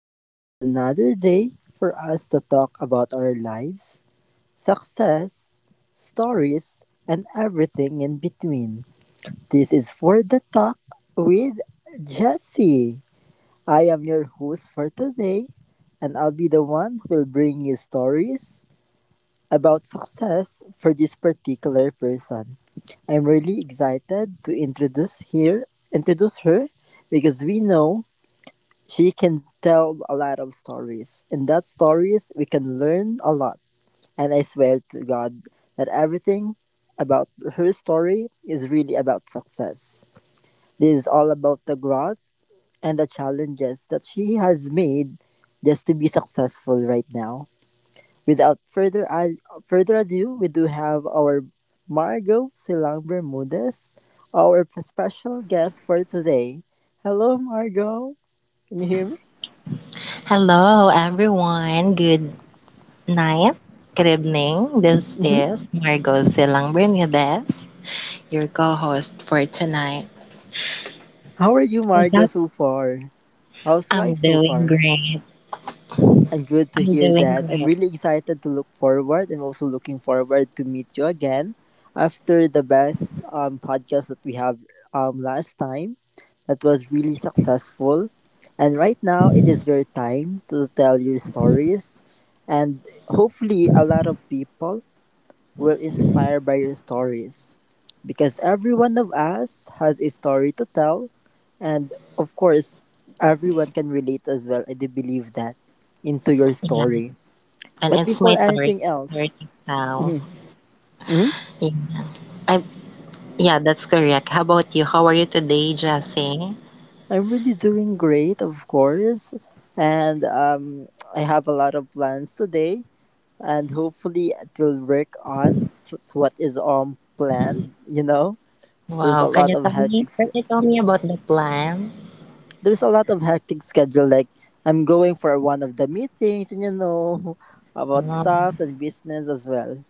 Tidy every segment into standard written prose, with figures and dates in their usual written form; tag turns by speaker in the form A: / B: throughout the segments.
A: This is another day for us to talk about our lives, success, stories, and everything in between. This is for the talk with Jesse. I am your host for today, and I'll be the one who will bring you stories about success for this particular person. I'm really excited to introduce her because we know she can tell a lot of stories. In that stories we can learn a lot. And I swear to God that everything about her story is really about success. This is all about the growth and the challenges that she has made just to be successful right now. Without further ado, we do have our Margot Silang Bermudez, our special guest for today. Hello, Margot. Can you hear me?
B: Hello, everyone. Good night. Good evening. This
A: Hmm.
B: is Margot Silang Bernades, your co host for tonight.
A: How are you,
B: Oh,
A: Margot,
B: that-
A: so far? How's
B: I'm
A: life so
B: doing
A: far?
B: great.
A: I'm good to
B: I'm
A: hear
B: doing
A: that. I'm
B: great.
A: really excited to look forward. I'm also looking forward to meet you again after the best podcast that we have last time. That was really successful. And right now, it is your time to tell your stories. And hopefully, a lot of people will inspire by your stories because every one of us has a story to tell, and of course everyone can relate as well. I do believe that into your
B: Yeah.
A: story.
B: And
A: But
B: it's
A: before
B: my third,
A: anything else,
B: third now.
A: mhm, mhm,
B: Yeah. I, yeah, that's correct. How about you? How are you today, Jessie?
A: I'm really doing great, of course, and I have a lot of plans today, and hopefully it will work on what is planned. There's a
B: Wow. Can
A: lot
B: you
A: of
B: tell me?
A: hectic
B: Can you tell me about the plan?
A: There's a lot of hectic schedule. Like, I'm going for one of the meetings, and you know about
B: Um,
A: stuff and business as well.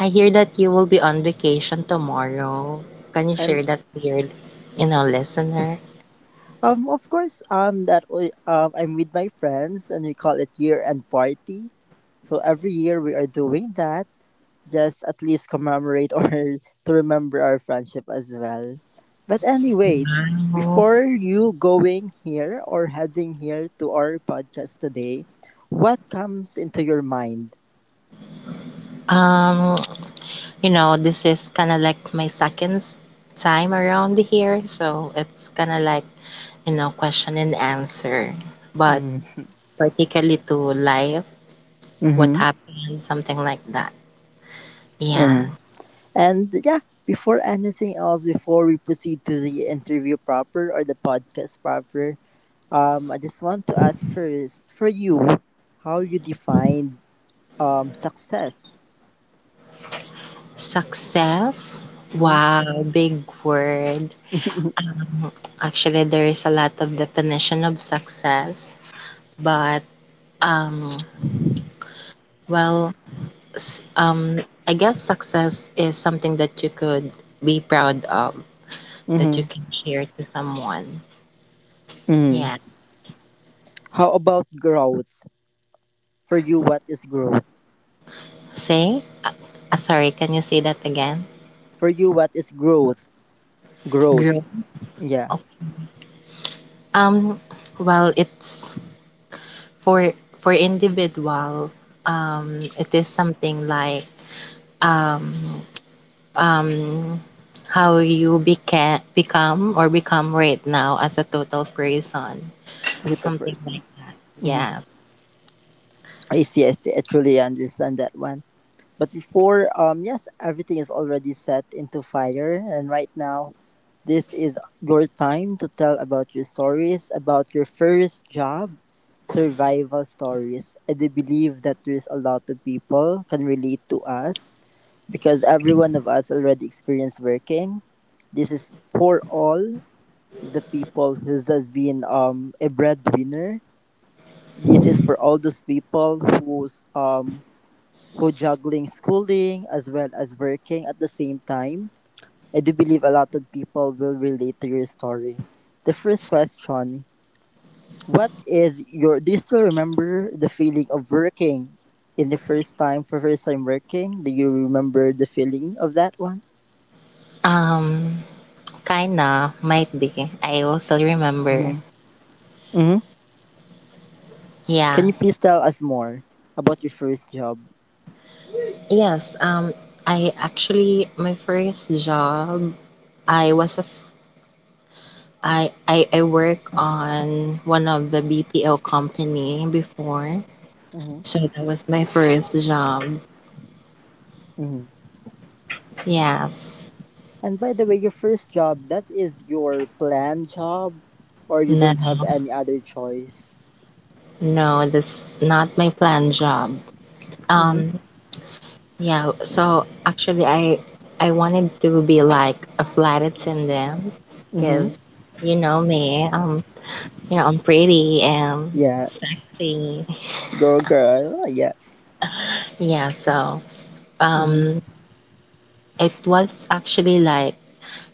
B: I hear that you will be on vacation tomorrow. Can you share
A: And
B: that with your listener?
A: of course, that I'm with my friends, and we call it year end party. So every year we are doing that, just at least commemorate or to remember our friendship as well. But anyways,
B: Oh.
A: before you going here or heading here to our podcast today, what comes into your mind?
B: Um, you know, this is kind of like my second time around here, so it's kind of like, you know, question and answer, but
A: Mm-hmm.
B: particularly to life, what
A: Mm-hmm.
B: happened, something like that. Yeah.
A: Mhm. And yeah, before anything else, before we proceed to the interview proper or the podcast proper, I just want to ask first for you how you define success.
B: Success.
A: Mm-hmm.
B: Wow, big word. Actually, there is a lot of definition of success, but um Well, s- um, I guess success is something that you could be proud of, that you
A: Mm-hmm.
B: can share to someone.
A: Mm-hmm.
B: Yeah.
A: How about growth? For you, what is growth?
B: Say, uh, sorry, can you say that again?
A: For you, what is growth? Growth.
B: Growth.
A: Yeah,
B: Okay. Um, well, it's for for individual. It is something like um, um, how you become or become right now as a total person,
A: to the
B: something
A: person.
B: like that.
A: Mm-hmm.
B: Yes.
A: I see. I see. I truly understand that one. But before, yes, everything is already set into fire. And right now, this is your time to tell about your stories, about your first job, survival stories. I do believe that there's a lot of people can relate to us because every one of us already experienced working. This is for all the people who has been a breadwinner. This is for all those people who juggling schooling as well as working at the same time. I do believe a lot of people will relate to your story. The first question, what is your do you still remember the feeling of working in the first time working? Do you remember the feeling of that one?
B: Um, kinda, might be. I also remember.
A: Mm-hmm. Mm-hmm. Can
B: Yeah.
A: you please tell us more about your first job?
B: Yes. I actually my first job I was a f- I work on one of the BPO company before.
A: Mm-hmm.
B: So that was my first job.
A: Mm-hmm.
B: Yes.
A: And by the way, your first job, that is your planned job, or you don't have
B: No.
A: any other choice?
B: No, that's not my planned job.
A: Mm-hmm.
B: Um Yeah, so actually I wanted to be like a flight attendant
A: Mm-hmm.
B: because you know me, um, you know, I'm pretty and
A: Yes.
B: sexy.
A: Girl, girl. Ah, yes.
B: Yeah, so
A: Mm-hmm.
B: um it was actually like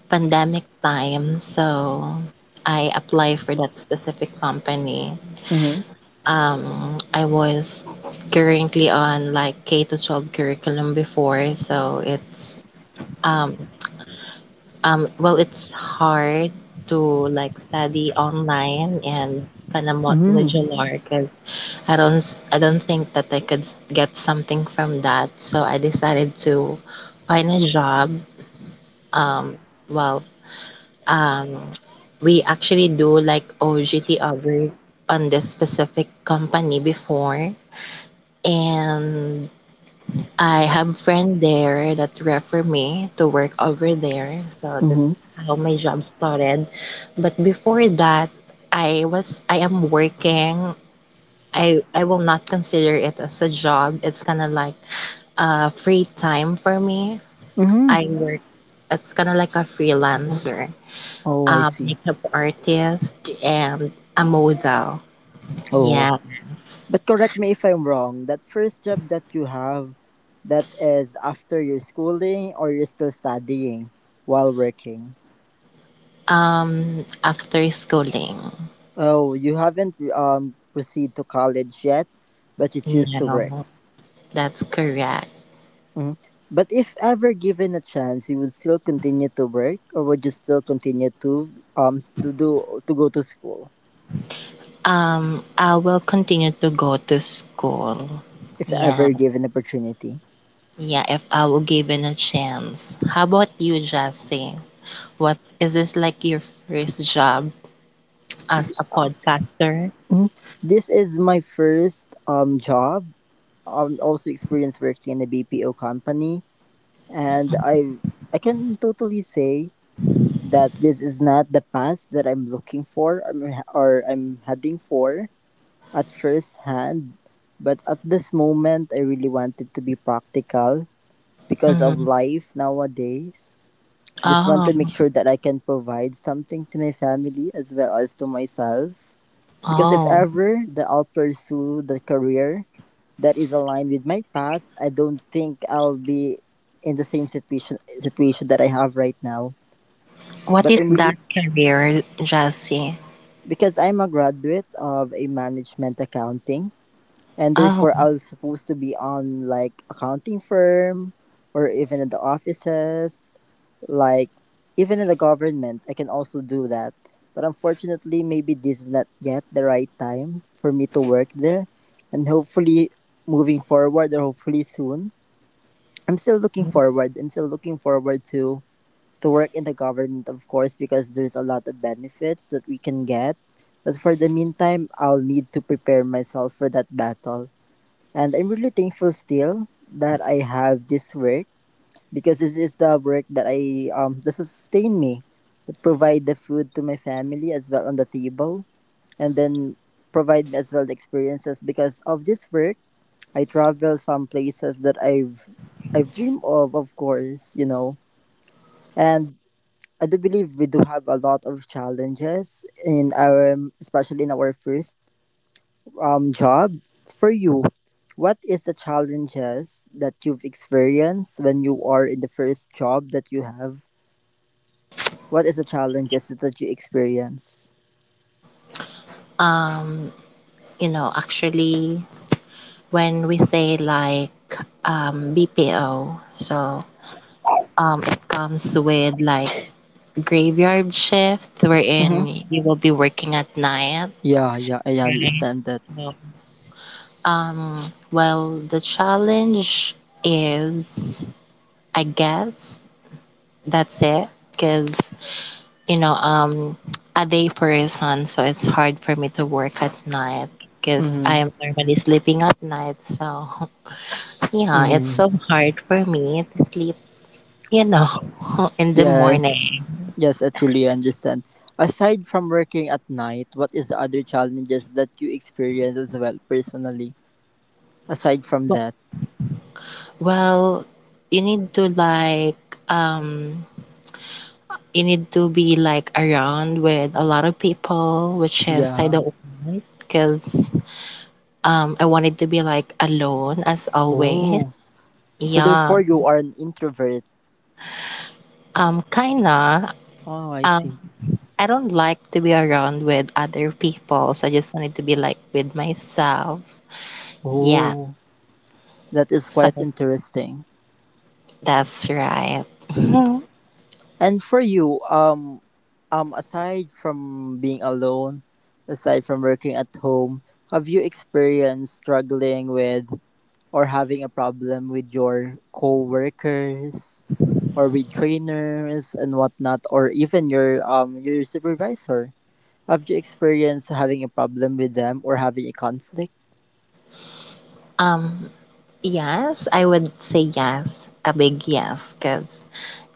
B: pandemic time, so I applied for that specific company.
A: Mm-hmm.
B: I was currently on like K to 12 curriculum before, so it's um well, it's hard to like study online and kind of
A: Mm-hmm.
B: modular because I don't think that I could get something from that. So I decided to find a job. Um, well, um, we actually do like OGT over on this specific company before, and I have friend there that refer me to work over there, so that's
A: Mm-hmm.
B: how my job started. But before that, I am working. I will not consider it as a job. It's kind of like free time for me.
A: Mm-hmm.
B: I work. It's kind of like a freelancer,
A: Oh, I
B: a
A: see.
B: makeup artist, and a model.
A: Oh.
B: Yes.
A: But correct me if I'm wrong. That first job that you have, that is after your schooling, or you're still studying while working?
B: After schooling.
A: Oh, you haven't proceed to college yet, but you choose to work.
B: No, that's correct.
A: Hmm. But if ever given a chance, you would still continue to work, or would you still continue to to do to go to school?
B: I will continue to go to school.
A: If
B: Yeah,
A: ever given opportunity.
B: yeah, if I will given a chance. How about you, Jassy? What is this like your first job as a podcaster?
A: Mhm. This is my first job. Also experienced working in a BPO company, and I can totally say that this is not the path that I'm looking for, or I'm heading for at first hand. But at this moment, I really wanted to be practical because of
B: Mm-hmm.
A: life nowadays. I just want
B: Oh,
A: to make sure that I can provide something to my family as well as to myself. Because if
B: oh.
A: ever that I'll pursue the career that is aligned with my path, I don't think I'll be in the same situation that I have right now.
B: What
A: But
B: is
A: I'm
B: that
A: really,
B: career, Jassy?
A: because I'm a graduate of a management accounting, and
B: Oh,
A: therefore I was supposed to be on like accounting firm or even in the offices, like even in the government. I can also do that, but unfortunately, maybe this is not yet the right time for me to work there, and hopefully, moving forward or hopefully soon, I'm still looking forward to work in the government, of course, because there's a lot of benefits that we can get. But for the meantime, I'll need to prepare myself for that battle, and I'm really thankful still that I have this work because this is the work that I that sustain me, that provide the food to my family as well on the table, and then provide me as well the experiences because of this work. I travel some places that I've dreamed of course, you know, and. I do believe we do have a lot of challenges in our, especially in our first job for you. What is the challenges that you've experienced when you are in the first job that you have? What is the challenges that you experience?
B: um, you know, actually, when we say like BPO, so it comes with like graveyard shift
A: Mm-hmm.
B: wherein you will be working at night.
A: Yeah, yeah, I
B: Right.
A: understand that.
B: So, Um, well, the challenge is, I guess, that's it. Because, you know, um, a day person, so it's hard for me to work at night because I
A: Mm-hmm.
B: am normally sleeping at night. So, yeah, it's
A: Mm-hmm.
B: so hard for me to sleep, you know, in the morning.
A: Yes, yes, I truly understand. Aside from working at night, what is the other challenges that you experience as well personally? Aside from that,
B: Well, you need to like, um, you need to be like around with a lot of people, which is I
A: yeah.
B: don't want because I wanted to be like alone as always.
A: Oh, so
B: Yeah.
A: therefore you are an introvert.
B: Kinda.
A: Oh, I
B: Um
A: see.
B: I don't like to be around with other people, so I just wanted to be like with myself. Yeah.
A: Oh. That is quite
B: So
A: interesting.
B: that's right.
A: Mhm. And for you, aside from being alone, aside from working at home, have you experienced struggling with or having a problem with your co-workers, or with trainers and whatnot, or even your supervisor? Have you experienced having a problem with them or having a conflict?
B: Um yes, I would say yes. A big yes, because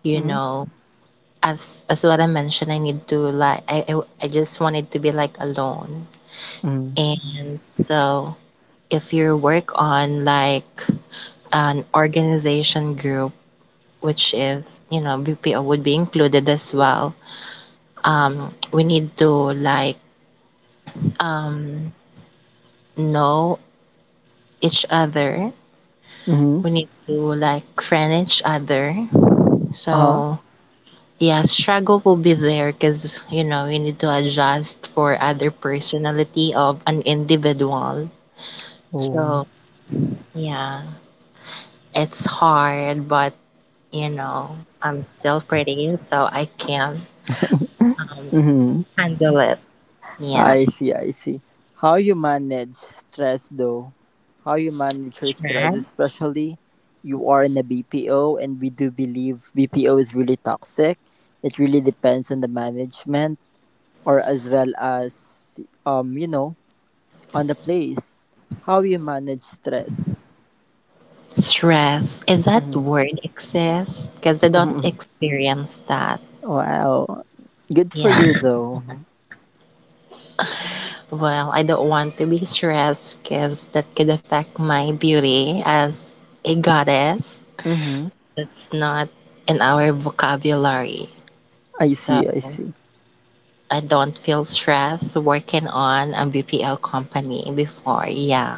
B: you
A: Mm-hmm.
B: know as what I mentioned, I need to I just wanted to be like alone.
A: Mm-hmm.
B: And so if you work on like an organization group, which is you know BPO would be included as well. We need to like um know each other.
A: Mm-hmm.
B: We need to like friend each other.
A: Uh-huh.
B: So yeah, struggle will be there because you know you need to adjust for other personality of an individual.
A: Oh.
B: So yeah, it's hard, but you know, I'm still pretty, so I can um,
A: Mm-hmm.
B: handle it. Yeah,
A: I see, I see. How you manage stress though? How you manage your stress,
B: stress.
A: especially you are in a BPO, and we do believe BPO is really toxic. It really depends on the management or as well as you know, on the place. How you manage stress.
B: Stress. Is that
A: Mm-hmm.
B: word exist? Because I don't experience that.
A: Wow. Good for
B: Yeah.
A: you though.
B: Well, I don't want to be stressed because that could affect my beauty as a goddess.
A: Mm-hmm.
B: That's not in our vocabulary.
A: I see,
B: So.
A: I see.
B: I don't feel stressed working on a BPO company before. Yeah.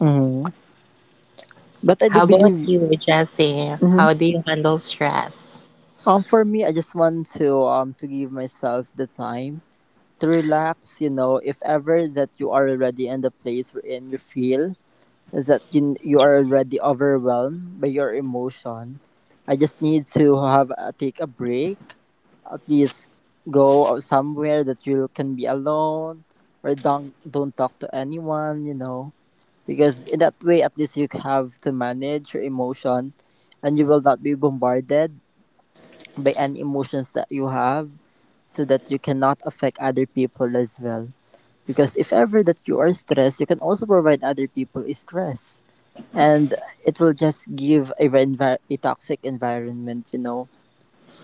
A: Mm-hmm. But I do
B: How about
A: believe.
B: you, Jesse?
A: Mm-hmm.
B: How do you handle stress?
A: For me, I just want to give myself the time to relax. You know, if ever that you are already in the place wherein you feel that you are already overwhelmed by your emotion, I just need to have a, take a break. At least go out somewhere that you can be alone, or don't talk to anyone. You know, because in that way, at least you have to manage your emotion, and you will not be bombarded by any emotions that you have so that you cannot affect other people as well. Because if ever that you are stressed, you can also provide other people stress. And it will just give a, a toxic environment, you know.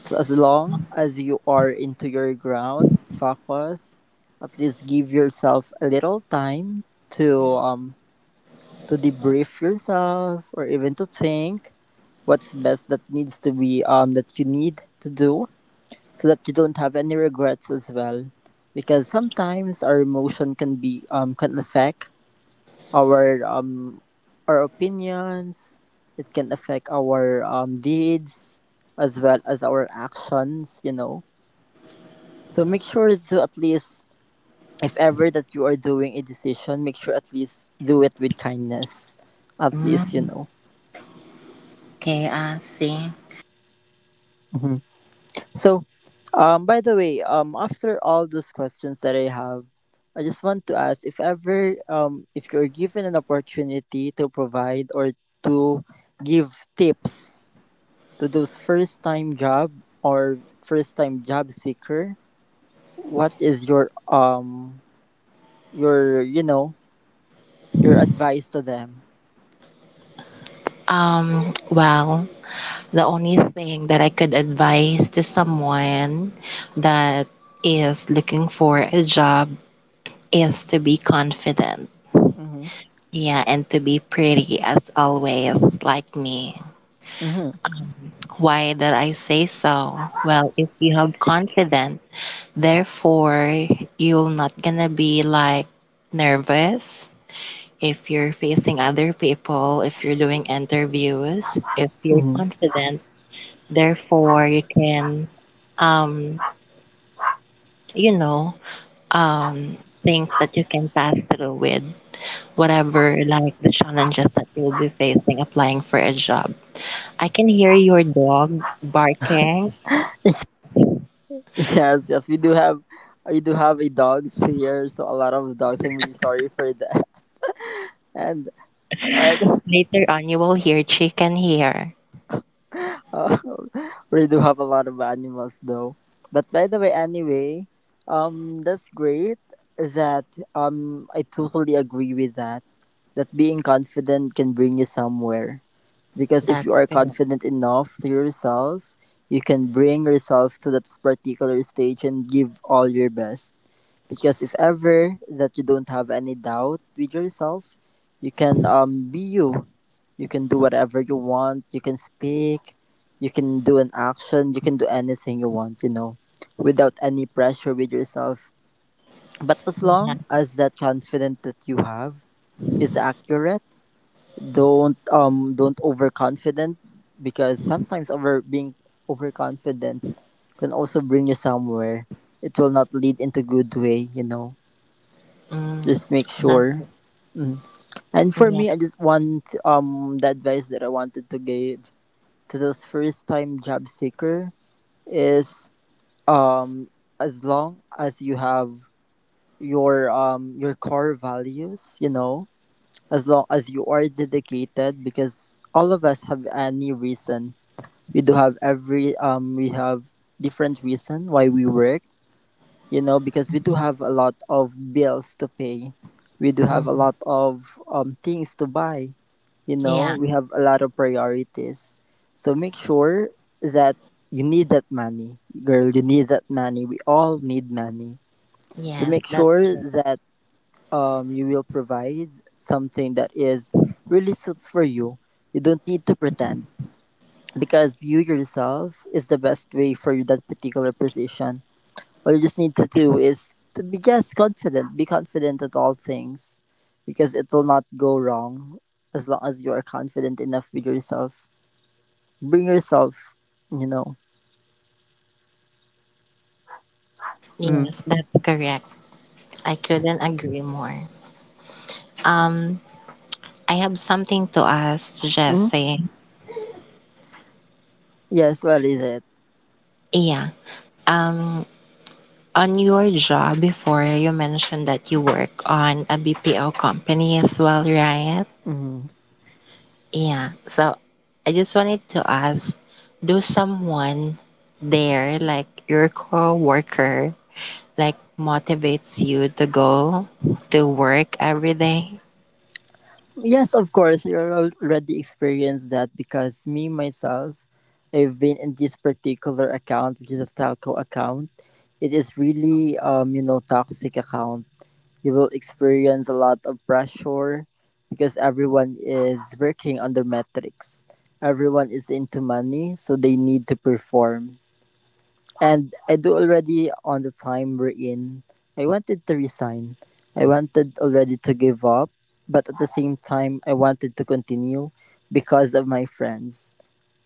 A: So as long as you are into your ground, focus, at least give yourself a little time to um to debrief yourself or even to think what's best that needs to be that you need to do, so that you don't have any regrets as well, because sometimes our emotion can be can affect our um our opinions, it can affect our deeds as well as our actions, you know. So make sure to at least, if ever that you are doing a decision, make sure at least do it with kindness, at least, you
B: Mm,
A: know.
B: okay, I see.
A: Mm-hmm. So, by the way, after all those questions that I have, I just want to ask if ever, if you're given an opportunity to provide or to give tips to those first time job or first time job seeker, what is your you know your advice to them?
B: Well, the only thing that I could advise to someone that is looking for a job is to be confident.
A: Mm-hmm.
B: Yeah, and to be pretty as always, like me.
A: Mm-hmm.
B: Why did I say so? Well, if you have confidence, therefore you're not gonna be like nervous if you're facing other people, if you're doing interviews, if you're
A: Mm-hmm.
B: confident, therefore you can um you know, think that you can pass through with whatever like the challenges that you'll be facing applying for a job. I can hear your dog barking.
A: Yes, yes, we do have a dogs here, so a lot of dogs. I'm really sorry for that, and and
B: Later on, you will hear chicken here.
A: um, we do have a lot of animals though. But by the way, anyway, that's great that I totally agree with that. That being confident can bring you somewhere. Because if you
B: That's
A: are
B: correct.
A: confident enough to yourself, you can bring yourself to that particular stage and give all your best, because if ever that you don't have any doubt with yourself, you can be you, you can do whatever you want, you can speak, you can do an action, you can do anything you want, without any pressure with yourself. But as
B: Yeah.
A: long as that confidence that you have is accurate, don't overconfident, because sometimes over being overconfident can also bring you somewhere. It will not lead into good way, you know.
B: Mm.
A: Just make
B: That's
A: sure.
B: it.
A: Mm. And for
B: Yeah.
A: me, I just want the advice that I wanted to give to those first time job seeker is, um as long as you have your core values, you know, as long as you are dedicated, because all of us have any reason. We do have every we have different reason why we work, you know, because we do have a lot of bills to pay. We do have
B: hmm
A: a lot of things to buy. You know,
B: Yeah.
A: we have a lot of priorities. So make sure that you need that money. Girl, you need that money. We all need money. So
B: Yes,
A: make
B: that's
A: sure
B: true.
A: that you will provide something that is really suits for you. You don't need to pretend, because you yourself is the best way for that particular position. All you just need to do is to be just confident. Be confident at all things, because it will not go wrong as long as you are confident enough with yourself. Bring yourself, you know. Mm-hmm.
B: Yes, that's correct. I couldn't agree more. Um, I have something to ask
A: Hmm.
B: Jesse.
A: Yes, what is it?
B: Yeah. Um, on your job before, you mentioned that you work on a BPO company as well, right?
A: Hmm.
B: Yeah, so I just wanted to ask, do someone there, like your coworker, like motivates you to go to work every day?
A: Yes, of course, you already experienced that because me, myself, I've been in this particular account, which is a Stalco account. It is really, you know, toxic account. You will experience a lot of pressure because everyone is working on the metrics. Everyone is into money, so they need to perform. And I do already on the time we're in. I wanted to resign. I wanted already to give up, but at the same time, I wanted to continue because of my friends.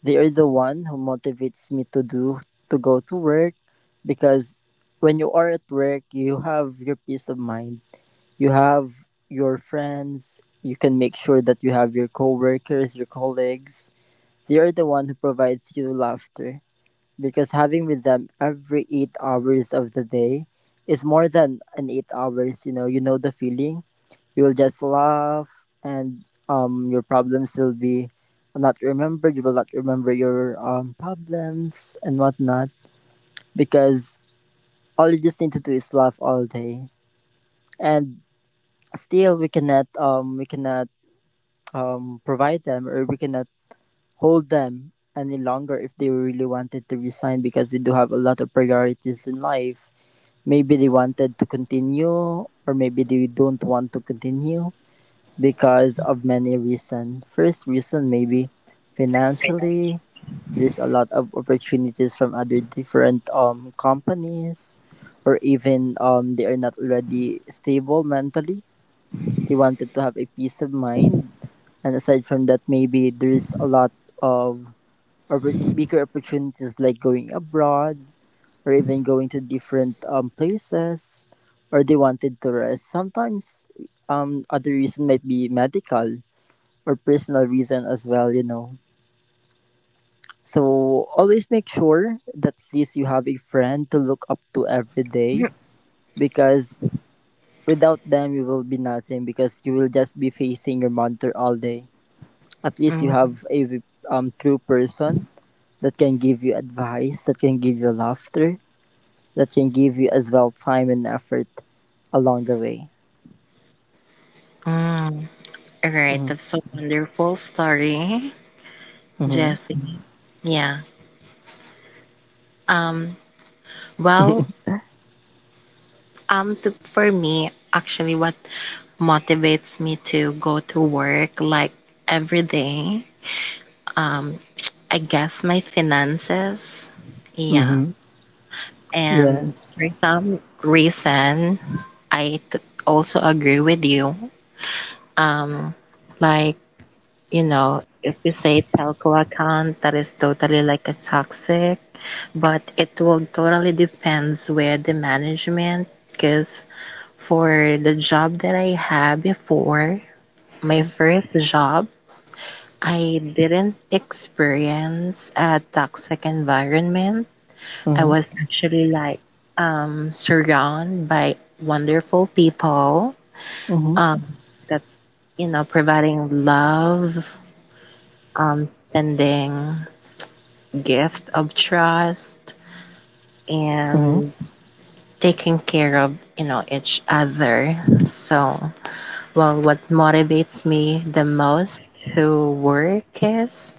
A: They are the one who motivates me to go to work, because when you are at work, you have your peace of mind, you have your friends, you can make sure that you have your coworkers, your colleagues. They are the one who provides you laughter, because having with them every 8 hours of the day is more than an 8 hours, you know, you know the feeling. You will just laugh, and your problems will be not remembered. You will not remember your problems and whatnot, because all you just need to do is laugh all day. And still, we cannot provide them, or we cannot hold them any longer if they really wanted to resign, because we do have a lot of priorities in life. Maybe they wanted to continue, or maybe they don't want to continue because of many reasons. First reason, maybe financially there's a lot of opportunities from other different companies, or even they are not already stable mentally. They wanted to have a peace of mind. And aside from that, maybe there's a lot of bigger opportunities like going abroad, or even going to different places, or they wanted to rest sometimes. Other reason might be medical or personal reason as well, you know. So always make sure that at least you have a friend to look up to every day, because without them you will be nothing, because you will just be facing your monitor all day. At least you
B: Mm-mm.
A: have a true person that can give you advice, that can give you laughter, that can give you as well time and effort along the way.
B: Mm. All right,
A: Mm-hmm.
B: that's a wonderful story,
A: Mm-hmm.
B: Jesse. Yeah. Um. Well. To, for me, actually, what motivates me to go to work like every day Um, I guess my finances. Yeah.
A: Mm-hmm.
B: And for
A: Yes.
B: some reason, I also agree with you. Um, like, you know, if you say telco account, that is totally like a toxic, but it will totally depends with the management. Because for the job that I had before, my first job, I didn't experience a toxic environment. I
A: Mm-hmm.
B: was actually like surrounded by wonderful people
A: Mm-hmm.
B: um, that, you know, providing love, sending gifts of trust,
A: Mm-hmm.
B: and taking care of, you know, each other. So, well, what motivates me the most to work is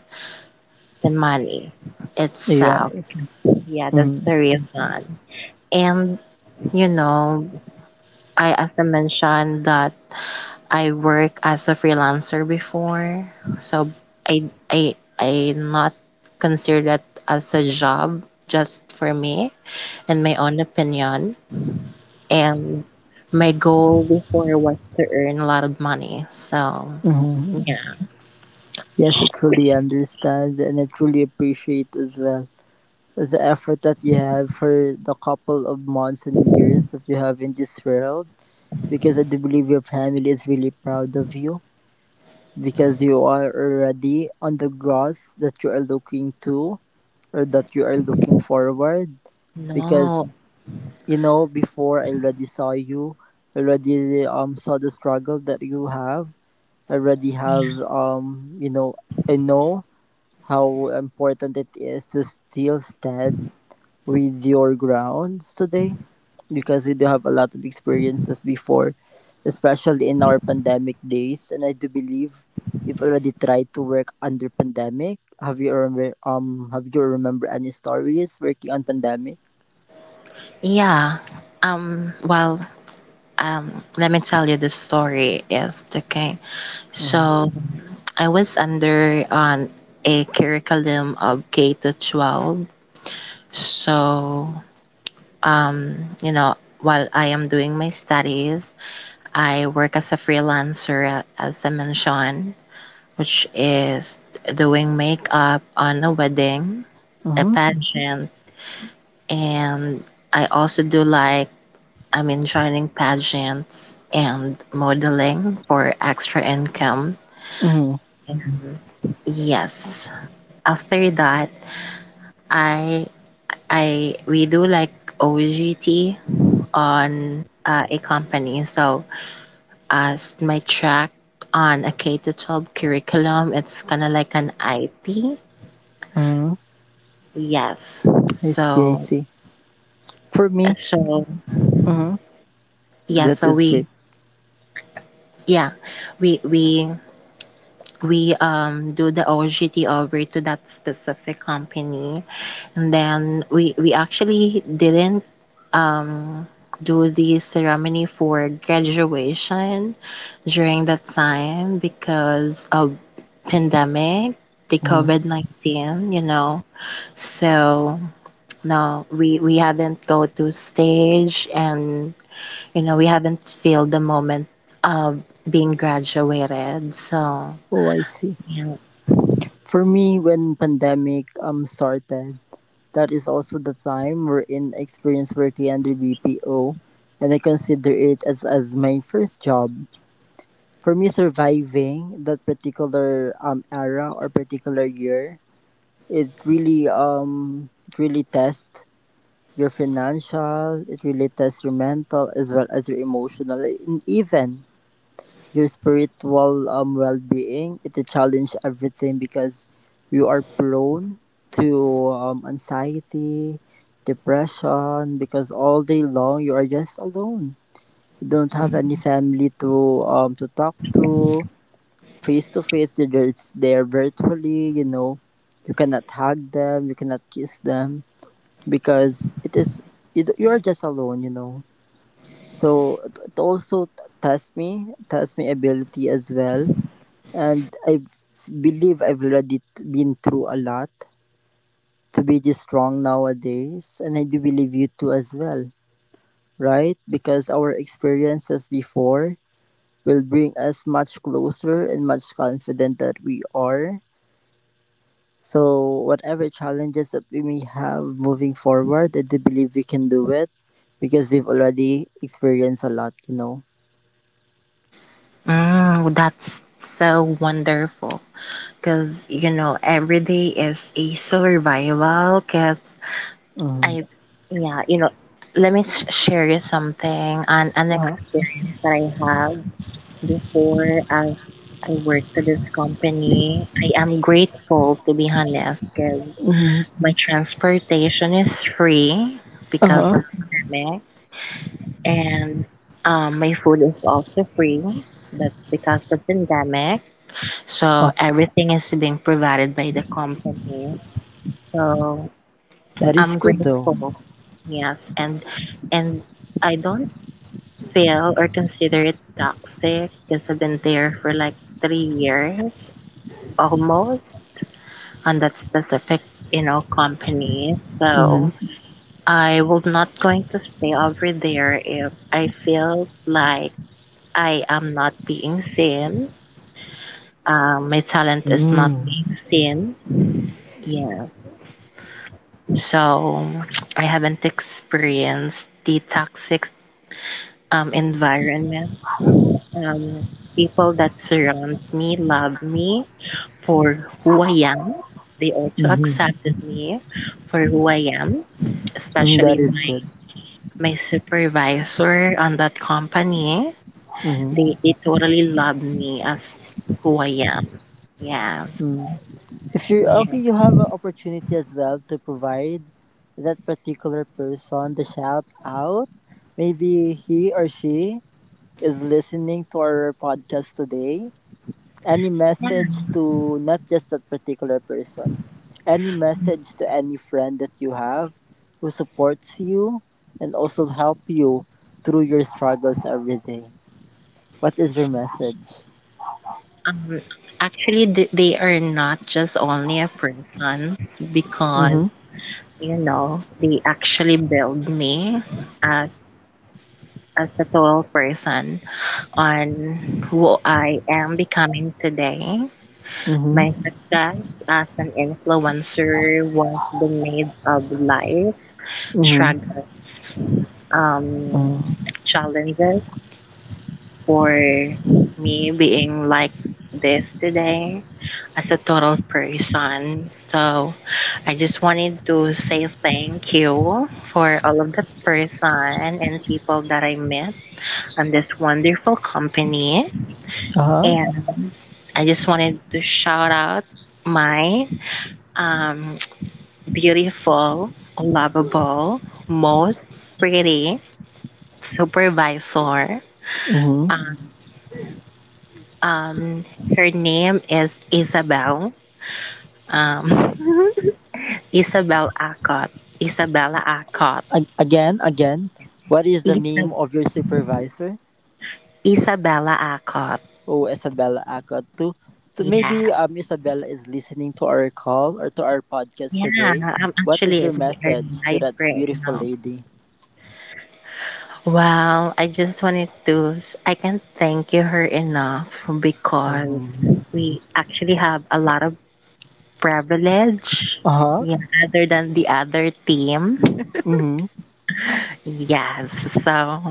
B: the money itself.
A: Yes.
B: Yeah, that's
A: Mm-hmm.
B: the reason. And, you know, I also mentioned that I work as a freelancer before, so I not consider that as a job just for me and my own opinion. And my goal before was to earn a lot of money. So
A: Mm-hmm.
B: yeah,
A: Yes, I truly understand, and I truly appreciate as well the effort that you have for the couple of months and years that you have in this world, because I do believe your family is really proud of you, because you are already on the growth that you are looking to, or that you are looking forward.
B: no,
A: Because you know, before I already saw you, already saw the struggle that you have already have, you know, I know how important it is to still stand with your grounds today, because we do have a lot of experiences before, especially in our pandemic days. And I do believe you've already tried to work under pandemic. Have you remember any stories working on pandemic?
B: yeah. Um. Well. Let me tell you the story. Is okay.
A: Mm-hmm.
B: So I was under on a curriculum of K to 12. So you know, while I am doing my studies, I work as a freelancer, as I mentioned, which is doing makeup on a wedding, a
A: Mm-hmm.
B: pageant, and I also do like, I mean, joining pageants and modeling for extra income.
A: Mm-hmm.
B: Yes. After that, I I we do like OGT on a company. So as my track on a K to 12 curriculum. It's kind of like an IT.
A: Mm-hmm.
B: Yes.
A: I see, I
B: So
A: see. For me,
B: so
A: mm-hmm,
B: yeah,
A: that
B: so
A: is
B: we
A: great.
B: yeah, we we we do the OGT over to that specific company and then we actually didn't um do the ceremony for graduation during that time because of pandemic, the
A: Mm-hmm.
B: COVID-19, you know. So no, we haven't go to stage, and you know we haven't feel the moment of being graduated. So
A: Oh, I see.
B: yeah.
A: For me, when pandemic started, that is also the time wherein I experienced working under BPO, and I consider it as my first job. For me, surviving that particular era or particular year is really it really tests your financial, it really tests your mental as well as your emotional, and even your spiritual well-being. It will challenge everything, because you are prone to, anxiety, depression, because all day long you are just alone. You don't have any family to talk to face to face. They're just there virtually, you know. You cannot hug them, you cannot kiss them, because it is, you are just alone, you know. So it, test me, test my ability as well. And I believe I've already been through a lot to be this strong nowadays, and I do believe you too as well, right? Because our experiences before will bring us much closer and much confident that we are. So whatever challenges that we may have moving forward, I do believe we can do it, because we've already experienced a lot, you know.
B: Mm, that's so wonderful because you know every day is a survival. Because
A: Mm.
B: I yeah you know let me share you something an
A: Uh-huh.
B: experience that I have. Before I worked at this company, I am grateful to be honest because
A: Mm.
B: my transportation is free because
A: Uh-huh.
B: of the pandemic, and my food is also free. That's because of pandemic. So everything is being provided by the company. So
A: That is
B: I'm
A: good though.
B: grateful. Yes, and and I don't feel or consider it toxic because I've been there for like 3 years. Almost on that specific you know company so
A: Mm.
B: I will not going to stay over there if I feel like I am not being seen my talent is not
A: Mm.
B: being seen. Yes. So I haven't experienced the toxic environment. um, people that surround me love me for who I am. They also
A: Mm-hmm.
B: accepted me for who I am,
A: Mm,
B: especially
A: that is good.
B: my supervisor on that company.
A: Hmm.
B: They totally love me as who I am. Yes.
A: Mm. If you're okay,
B: Yeah.
A: you have an opportunity as well to provide that particular person the shout out. Maybe he or she is listening to our podcast today. Any
B: Yeah.
A: message to not just that particular person, any message to any friend that you have who supports you and also help you through your struggles every day. What is your message?
B: Um, actually, they are not just only a persons because,
A: Mm-hmm.
B: you know, they actually build me as, as a total person on who I am becoming today.
A: Mm-hmm.
B: My success as an influencer was the made of life
A: Mm-hmm.
B: struggles, um,
A: Mm-hmm.
B: challenges for me being like this today as a total person. So I just wanted to say thank you for all of the person and people that I met on this wonderful company.
A: Uh-huh.
B: And I just wanted to shout out my um, beautiful, lovable, most pretty supervisor.
A: Mm-hmm.
B: Uh, Um, her name is Isabel. Um, Isabel Acott. Isabella Acott.
A: Again, again. What is the name
B: Isab-
A: of your supervisor?
B: Isabella Acott.
A: Oh, Isabella Acot. To maybe
B: Yes.
A: Isabella is listening to our call or to our podcast
B: Yeah,
A: today.
B: I'm
A: What is
B: actually
A: your
B: we are
A: message to
B: live
A: that
B: right
A: beautiful
B: now.
A: lady?
B: Well, I just wanted to s- I can't thank you her enough because
A: Mm-hmm.
B: we actually have a lot of privilege,
A: Uh-huh.
B: yeah, other than the other team.
A: Mm-hmm.
B: Yes, so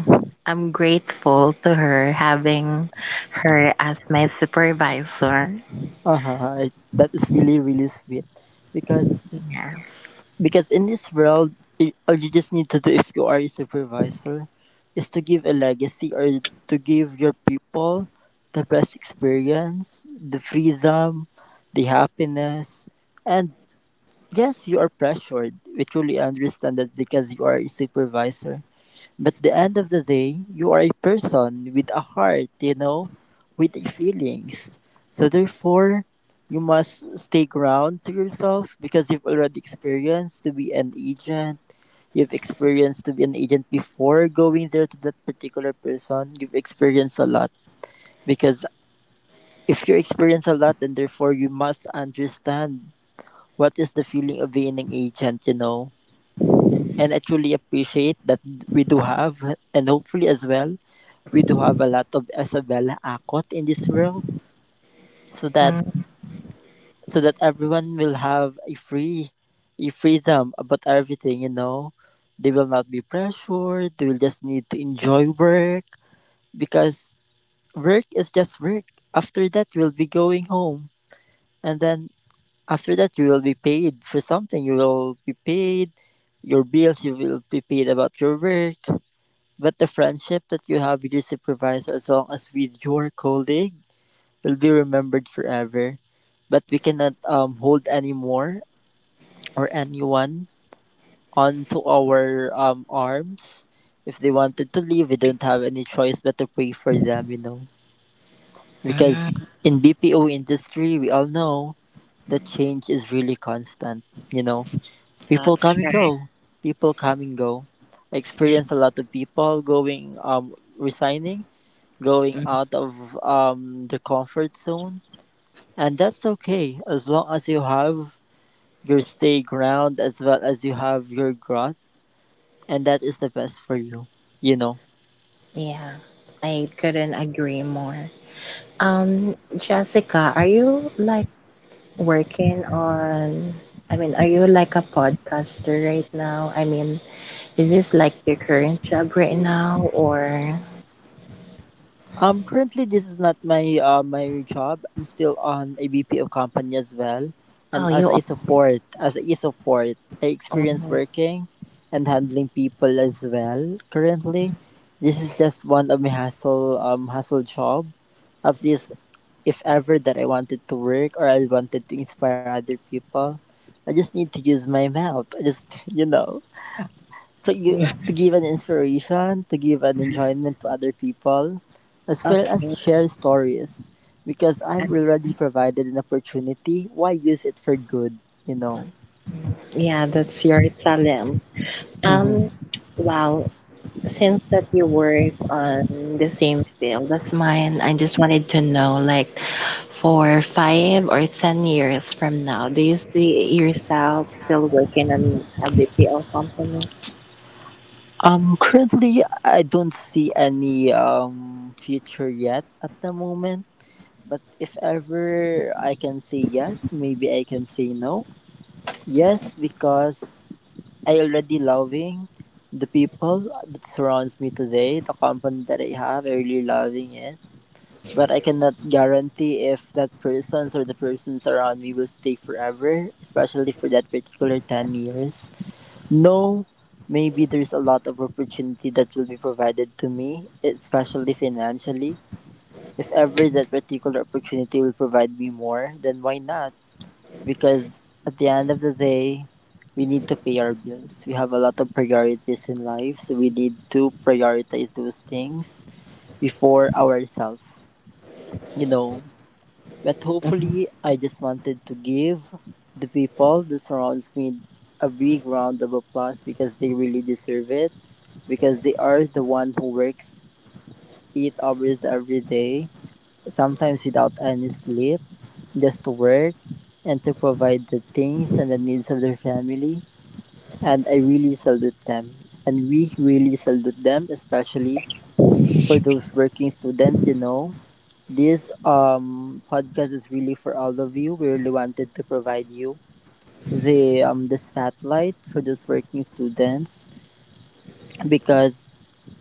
B: I'm grateful to her having her as my supervisor.
A: Uh-huh. That is really, really sweet. Because
B: Yes.
A: Because in this world, all you just need to do if you are a supervisor is to give a legacy, or to give your people the best experience, the freedom, the happiness. And yes, you are pressured. We truly understand that because you are a supervisor. But the end of the day, you are a person with a heart, you know, with feelings. So therefore, you must stay ground to yourself, because you've already experienced to be an agent. You've experienced to be an agent before going there to that particular person. You've experienced a lot, because if you experience a lot, then therefore you must understand what is the feeling of being an agent, you know. And I truly appreciate that we do have, and hopefully as well, we do have a lot of Isabella Akot in this world, so that
B: Mm-mm.
A: so that everyone will have a free, a freedom about everything. You know, they will not be pressured. They will just need to enjoy work, because work is just work. After that, you will be going home, and then after that, you will be paid for something. You will be paid your bills. You will be paid about your work. But the friendship that you have with your supervisor, as long as with your colleague, will be remembered forever. But we cannot hold anymore or anyone onto our arms. If they wanted to leave, we don't have any choice but to pray for them, you know. Because in BPO industry, we all know that change is really constant, you know. People
B: That's
A: come and
B: right.
A: go. People come and go. I
B: Yeah.
A: experience a lot of people going resigning, going
B: Mm.
A: out of the comfort zone, and that's okay as long as you have your stay ground, as well as you have your growth, and that is the best for you, you know.
B: Yeah, I couldn't agree more. Jessica, are you like working on, are you like a podcaster right now? I mean, is this like your current job right now or
A: Currently, this is not my my job. I'm still on a BPO company as well,
B: oh
A: and
B: you
A: as a
B: al-
A: support, as a support, I experience
B: almost.
A: working and handling people as well. Currently, this is just one of my hustle, hustle job. At least if ever that I wanted to work or I wanted to inspire other people, I just need to use my mouth. I just you know, to you, to give an inspiration, to give an enjoyment to other people, as well as
B: Okay.
A: share stories. Because I'm already provided an opportunity, why use it for good? You know.
B: Yeah, that's your talent.
A: Hmm.
B: Um, well, since that you work on the same field as mine, I just wanted to know like for 5 or 10 years from now, do you see yourself still working on a BPO company?
A: Currently, I don't see any future yet at the moment. But if ever I can say yes, maybe I can say no. Yes, because I already loving the people that surrounds me today, the company that I have, I really loving it. But I cannot guarantee if that persons or the persons around me will stay forever, especially for that particular 10 years. No, maybe there's a lot of opportunity that will be provided to me, especially financially. If ever that particular opportunity will provide me more, then why not? Because at the end of the day, we need to pay our bills. We have a lot of priorities in life, so we need to prioritize those things before ourselves, you know. But hopefully, I just wanted to give the people that surrounds me a big round of applause because they really deserve it, because they are the one who works 8 hours every day, sometimes without any sleep, just to work and to provide the things and the needs of their family. And I really salute them. And we really salute them, especially for those working students, you know. This podcast is really for all of you. We really wanted to provide you the the spotlight for those working students, because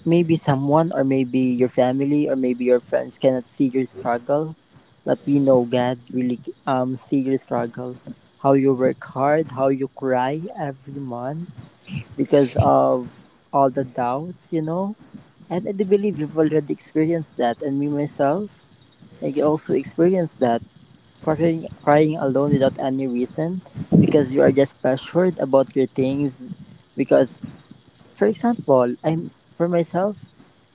A: maybe someone or maybe your family or maybe your friends cannot see your struggle. But we know God really see your struggle. How you work hard, how you cry every month because of all the doubts, you know. And I do believe you've already experienced that, and me myself, I also experienced that crying, crying alone without any reason, because you are just pressured about your things. Because, for example, I'm for myself,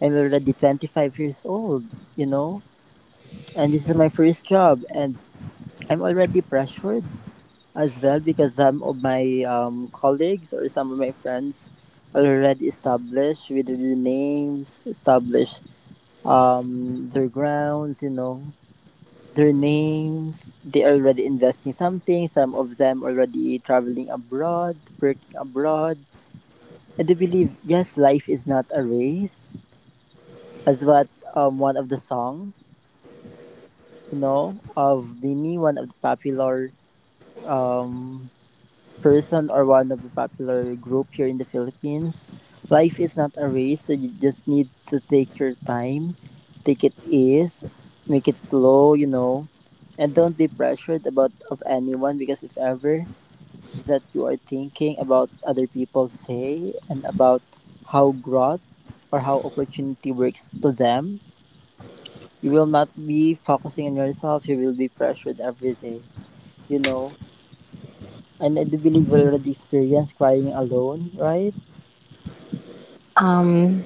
A: I'm already 25 years old, you know, and this is my first job, and I'm already pressured as well because some of my colleagues or some of my friends are already established with their names, established their grounds, you know, their names. They are already investing something. Some of them already traveling abroad, working abroad. And they believe, yes, life is not a race, as what one of the song, you know, of Bini, one of the popular um, person or one of the popular group here in the Philippines. Life is not a race, so you just need to take your time, take it ease, make it slow, you know, and don't be pressured about of anyone because if ever that you are thinking about other people say and about how growth or how opportunity works to them, you will not be focusing on yourself. You will be pressured every day, you know. And I do believe we already experienced crying alone, right?
B: Um,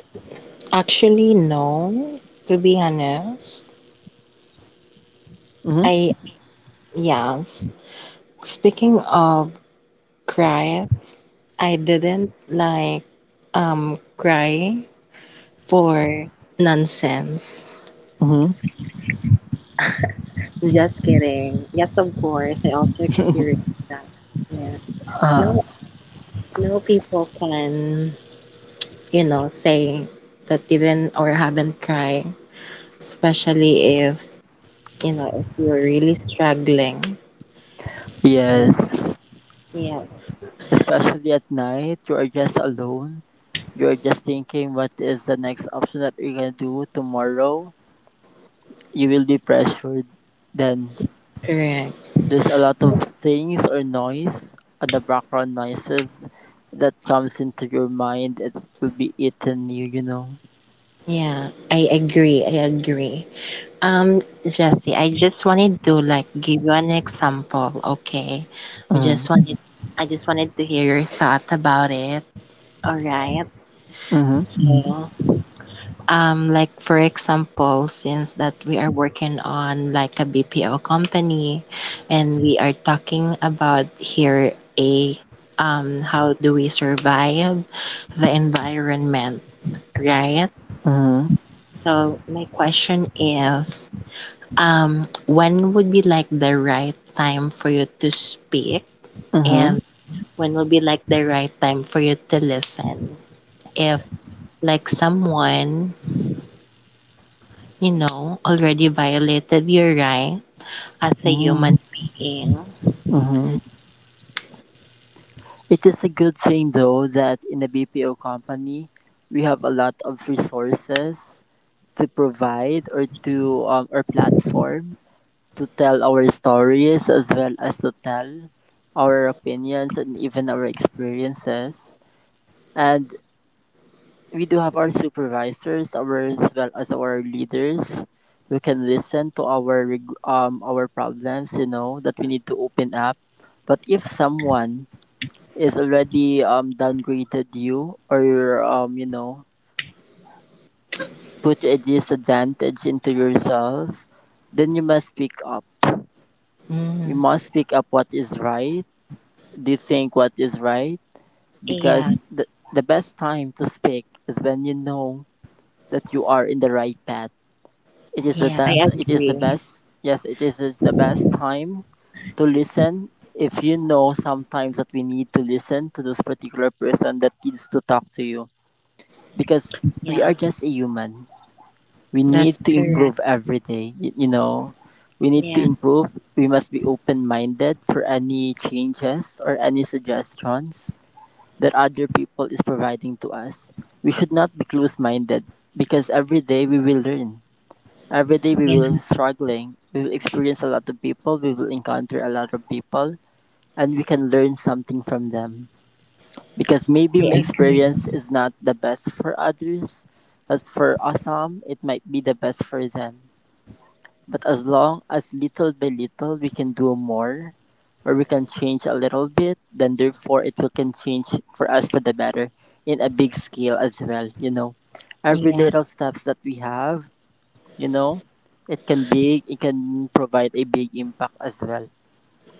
B: actually, no. To be honest,
A: Mm-hmm.
B: I, yes. Speaking of cries, I didn't like cry for nonsense.
A: Mm-hmm.
B: Just kidding. Yes, of course, I also experienced that. Yeah.
A: Uh,
B: No, no people can, you know, say that didn't or haven't cried, especially if, you know, if you're really struggling.
A: yes.
B: Yes,
A: Especially at night, you are just alone. You are just thinking what is the next option that you're gonna do tomorrow. You will be pressured. Then
B: correct.
A: there's a lot of things or noise on the background noises that comes into your mind. It will be eating you, you know.
B: Yeah, I agree. I agree. Um, Jesse, I just wanted to like give you an example, okay? We just
A: Mm-hmm.
B: wanted, I just wanted to hear your thought about it. All right.
A: Mm-hmm.
B: Mm. So, like for example, since that we are working on like a BPO company and we are talking about here a how do we survive the environment, right?
A: Mm-hmm.
B: So my question is, when would be like the right time for you to speak and when would be like the right time for you to listen? If like someone, you know, already violated your right as a
A: Mm-hmm.
B: human being.
A: Mm-hmm. It is a good thing though that in a BPO company we have a lot of resources to provide or to our platform to tell our stories as well as to tell our opinions and even our experiences. And we do have our supervisors, our as well as our leaders who can listen to our our problems, you know, that we need to open up. But if someone is already downgraded you or you know put a disadvantage into yourself, then you must speak up, you
B: Mm,
A: must speak up what is right, do you think what is right,
B: yeah,
A: because the best time to speak is when you know that you are in the right path. It is the
B: yeah,
A: the-
B: I
A: it is the
B: agree.
A: best. Yes, it is the best time to listen if you know sometimes that we need to listen to this particular person that needs to talk to you, because we
B: Yeah,
A: are just a human. We
B: that's
A: need to
B: mm, correct.
A: improve every day. You know, we need to
B: Yeah,
A: improve. We must be open minded for any changes or any suggestions that other people is providing to us. We should not be close minded because every day we will learn. Every day we
B: yeah,
A: will struggling. We will experience a lot of people. We will encounter a lot of people, and we can learn something from them. Because maybe my
B: I agree.
A: experience is not the best for others, but for some it might be the best for them. But as long as little by little we can do more, or we can change a little bit, then therefore it will can change for us for the better in a big scale as well, you know. Every
B: Yeah,
A: little steps that we have, you know, it can be it can provide a big impact as well.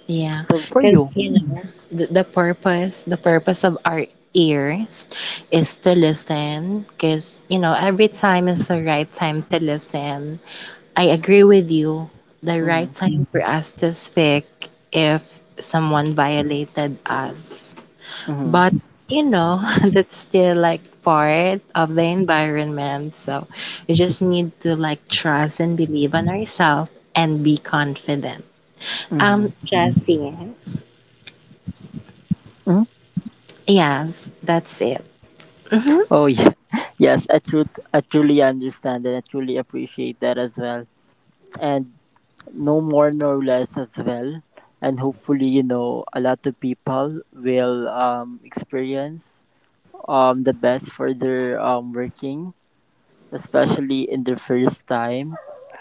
B: yeah.
A: So for
B: Because,
A: you.
B: you know, the purpose, the purpose of our ears is to listen, because you know every time is the right time to listen. I agree with you. The right
A: Mm-hmm.
B: time for us to speak if someone violated us.
A: Mm-hmm.
B: But you know that's still like part of the environment, so we just need to like trust and believe on ourselves and be confident,
A: Mm-hmm.
B: Jesse.
A: Mm-hmm.
B: Yes, that's it. Hmm.
A: Oh yeah, yes, I truly understand and I truly appreciate that as well. And no more no less as well. And hopefully, you know, a lot of people will experience the best for their working, especially in their first time.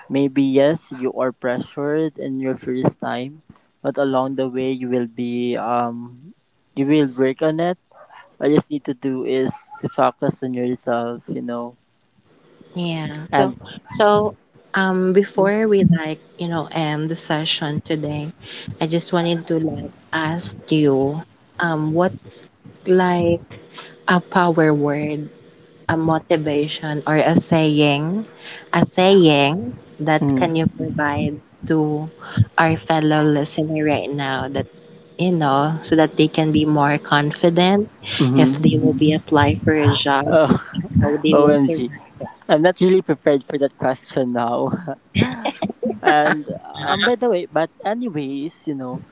A: Maybe yes, you are pressured in your first time, but along the way you will be you will work on it. All you just need to do is to focus on yourself, you know,
B: Yeah, so
A: and
B: so
A: Mm.
B: before we like you know end the session today, I just wanted to like ask you what's like a power word, a motivation or a saying that can you provide to our fellow listener right now, that you know, so that they can be more confident if
A: Hmm.
B: they will be apply for a job,
A: Oh,
B: how they will
A: OMG.
B: survive.
A: I'm not really prepared for that question now. And by the way, but anyways, you know,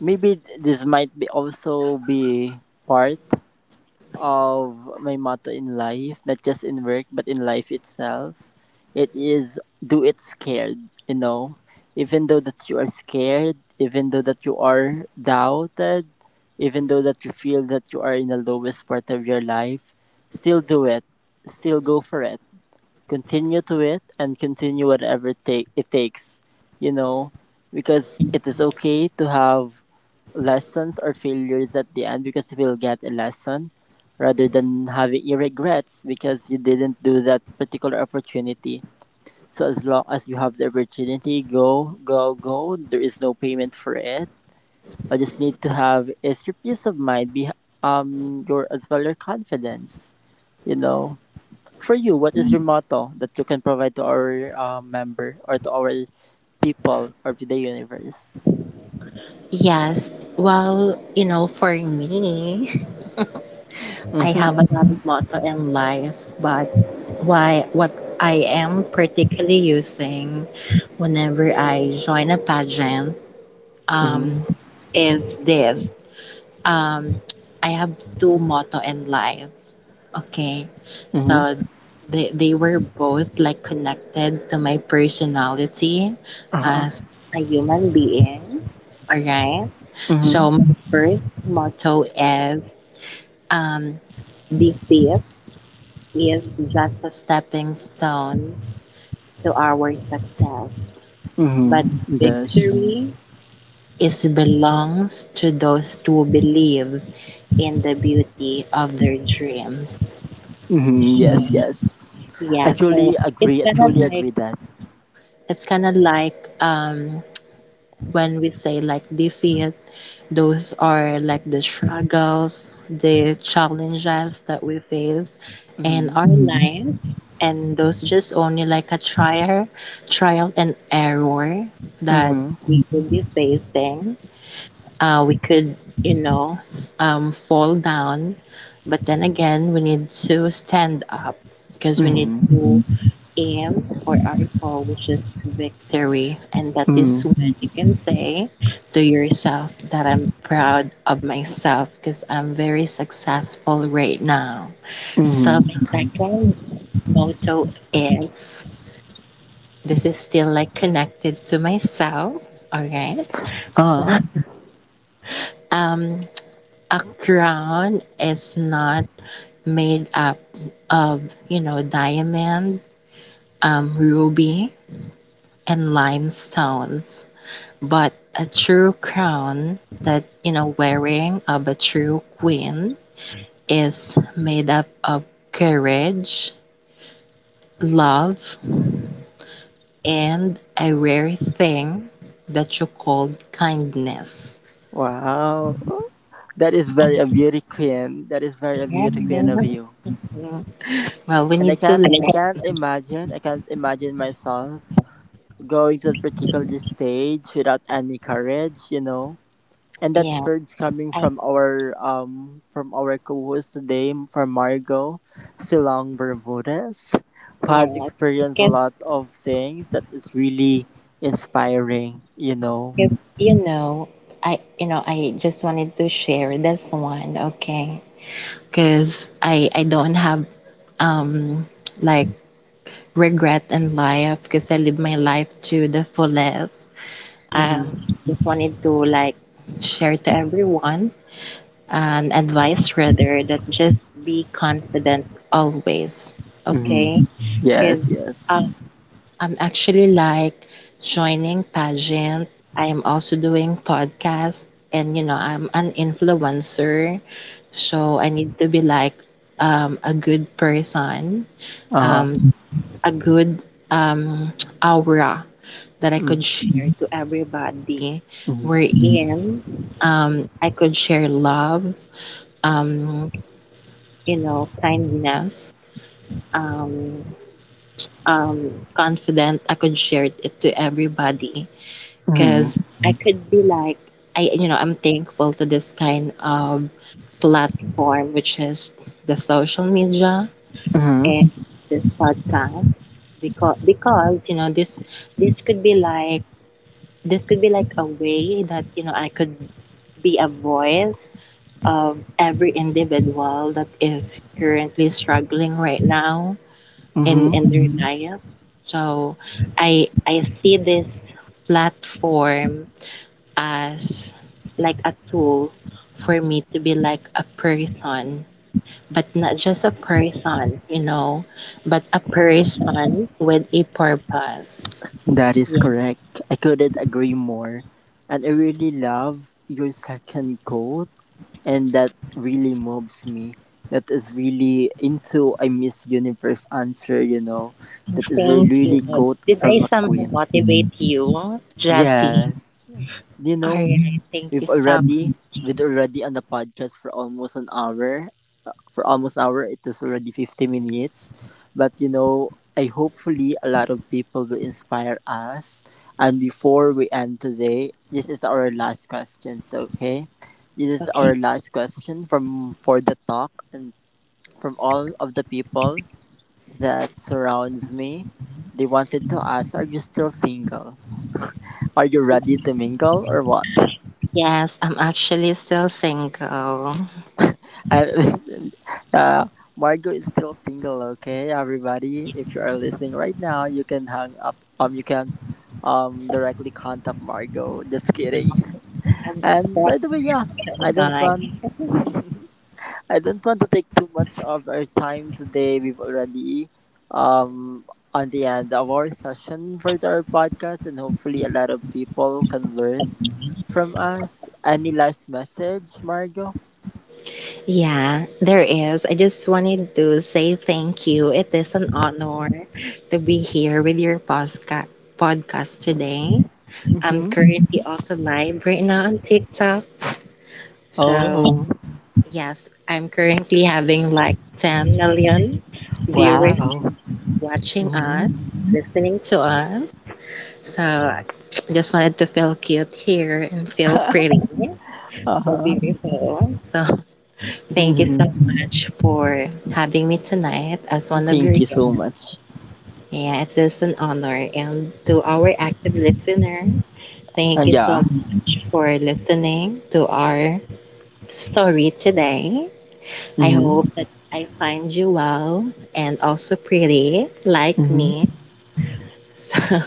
A: maybe this might be also be part of my motto in life, not just in work, but in life itself. It is do it scared, you know. Even though that you are scared, even though that you are doubted, even though that you feel that you are in the lowest part of your life, still do it. Still go for it. Continue to it and continue whatever takes, you know, because it is okay to have lessons are failures at the end because you will get a lesson rather than having your regrets because you didn't do that particular opportunity. So as long as you have the opportunity, go, go, go. There is no payment for it. All you just need to have is your peace of mind, be your as well your confidence. You know, for you, what is your motto that you can provide to our member or to our people or to the universe?
B: Yes, well you know for me I
A: Mm-hmm.
B: have a lot of motto in life, but why what I am particularly using whenever I join a pageant,
A: Mm-hmm.
B: um, is this, um, I have two motto in life. Okay,
A: Mm-hmm.
B: so they were both like connected to my personality
A: Uh-huh.
B: as a human being. All right,
A: Mm-hmm.
B: so my first motto is, um, defeat is just a stepping stone to our success, but
A: Hmm. Yes.
B: victory is belongs to those who believe in the beauty of their dreams.
A: Hmm. Yes.
B: Mm.
A: Yes. I
B: Yeah, so
A: truly
B: it's
A: agree. I
B: kind of
A: truly
B: like
A: agree that.
B: it's kind of like when we say like defeat, those are like the struggles, the challenges that we face in
A: Mm-hmm.
B: our Mm. life, and those just only like a trial and error that
A: Mm-hmm.
B: we will be facing. We could, you know, fall down. But then again, we need to stand up because we need
A: Mm-hmm.
B: to aim for our goal, which is victory. And that is
A: Mm-hmm.
B: when you can say to yourself that I'm proud of myself because I'm very successful right now. So,
A: Mm-hmm.
B: my second motto is, this is still like connected to myself. All right.
A: Ah.
B: Um, a crown is not made up of, you know, diamond, ruby, and limestones, but a true crown that, you know, wearing of a true queen is made up of courage, love, and a rare thing that you call kindness.
A: Wow. That is very a beauty queen. That is very a
B: Yes.
A: beauty queen of
B: Mm,
A: you.
B: well, we
A: And I
B: need to
A: can't. I can't
B: learn.
A: imagine. I can't imagine myself going to that particular stage without any courage. You know. And that
B: Yeah,
A: word's coming
B: I,
A: from our co-host today, from Margot Silang Bermudez, who has
B: yeah.
A: experienced a
B: Because
A: lot of things that is really inspiring. You know.
B: You know, I just wanted to share this one, okay? Because I don't have um like regret in life because I live my life to the fullest. Um,
A: Mm-hmm.
B: just wanted to like share to everyone an advice rather that just be confident always,
A: Mm-hmm.
B: okay? Because
A: Yes. Yes.
B: I'm actually like joining pageant. I am also doing podcast, and you know, I'm an influencer. So I need to be like a good person,
A: Uh.
B: a good um, aura that I
A: Mm-hmm.
B: could share to everybody. Wherein I could share love, um, you know, kindness, um, confident. I could share it to everybody,
A: Mm-hmm.
B: because I could be like, you know, I'm thankful to this kind of platform, which is the social media
A: Mm-hmm.
B: and this podcast, because you know, this could be like a way that you know I could be a voice of every individual that is currently struggling right now in
A: Mm-hmm.
B: their life. So I see this platform as like a tool for me to be like a person, but not just a person, you know, but a person with a purpose.
A: That is
B: Yeah.
A: correct. I couldn't agree more, and I really love your second quote, and that really moves me. That is really into a Miss Universe answer, you know. That is a
B: Thank
A: really
B: you.
A: quote
B: Did I
A: from a
B: somehow
A: queen.
B: motivate you, Jessie?
A: Yes, you
B: All
A: know,
B: right. Thank you
A: we've
B: so
A: already
B: much.
A: we've already on the podcast for almost an hour, for almost hour. It is already 50 minutes. But you know, I hopefully a lot of people will inspire us. And before we end today, this is our last question. So, okay, this is
B: Okay.
A: our last question from For the Talk and from all of the people that surrounds me. They wanted to ask, are you still single? Are you ready to mingle or what?
B: Yes, I'm actually still single.
A: I, uh, Margot is still single. Okay, everybody, if you are listening right now, you can hang up. You can directly contact Margot. Just kidding.
B: I'm
A: And by the way, yeah, I
B: a
A: don't want,
B: guy.
A: I don't want to take too much of our time today. We've already um on the end of our session for our podcast, and hopefully a lot of people can learn from us. Any last message, Margot?
B: Yeah, there is. I just wanted to say thank you. It is an honor to be here with your podcast today. I'm
A: Mm-hmm.
B: currently also live right now on TikTok. So,
A: Oh
B: yes, I'm currently having like 10 million viewers
A: wow.
B: watching
A: Mm-hmm.
B: us, listening to us. So, I just wanted to feel cute here and feel pretty. So
A: Uh-huh.
B: beautiful. So, thank you so
A: Mm-hmm.
B: much for having me tonight as one of
A: Thank
B: your
A: you
B: guests.
A: so much.
B: Yeah, it is an honor. And to our active listener, thank you so
A: Yeah.
B: much for listening to our story today. I
A: Mm-hmm.
B: hope that I find you well and also pretty like
A: Mm-hmm.
B: me. So,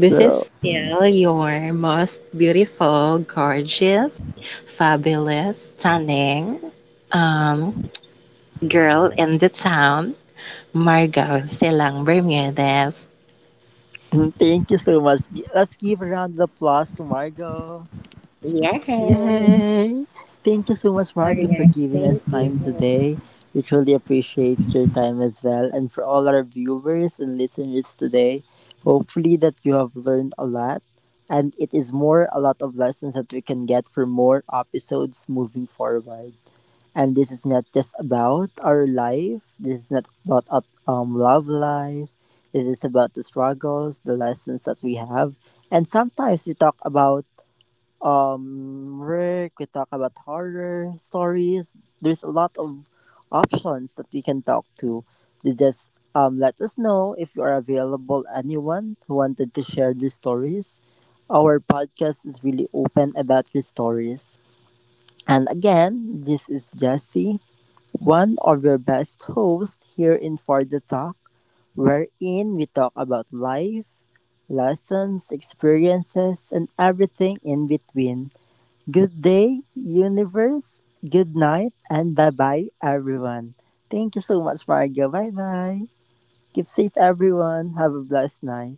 B: this
A: So,
B: is still your most beautiful, gorgeous, fabulous, stunning um, girl in the town. Margot Silang Bermudez.
A: mm, thank you so much. Let's give a round of applause to Margot.
B: Yes.
A: Yay! Thank you so much, Margot, for
B: Okay.
A: giving
B: Thank
A: us
B: you.
A: time today. We truly appreciate your time as well. And for all our viewers and listeners today, hopefully that you have learned a lot. And it is more a lot of lessons that we can get for more episodes moving forward. And this is not just about our life. This is not about love life. It is about the struggles, the lessons that we have, and sometimes we talk about work. We talk about horror stories. There's a lot of options that we can talk to. They just let us know if you are available. Anyone who wanted to share these stories, our podcast is really open about these stories. And again, this is Jesse, one of your best hosts here in For the Talk, wherein we talk about life, lessons, experiences, and everything in between. Good day, universe. Good night, and bye bye, everyone. Thank you so much, Margo. Bye bye. Keep safe, everyone. Have a blessed night.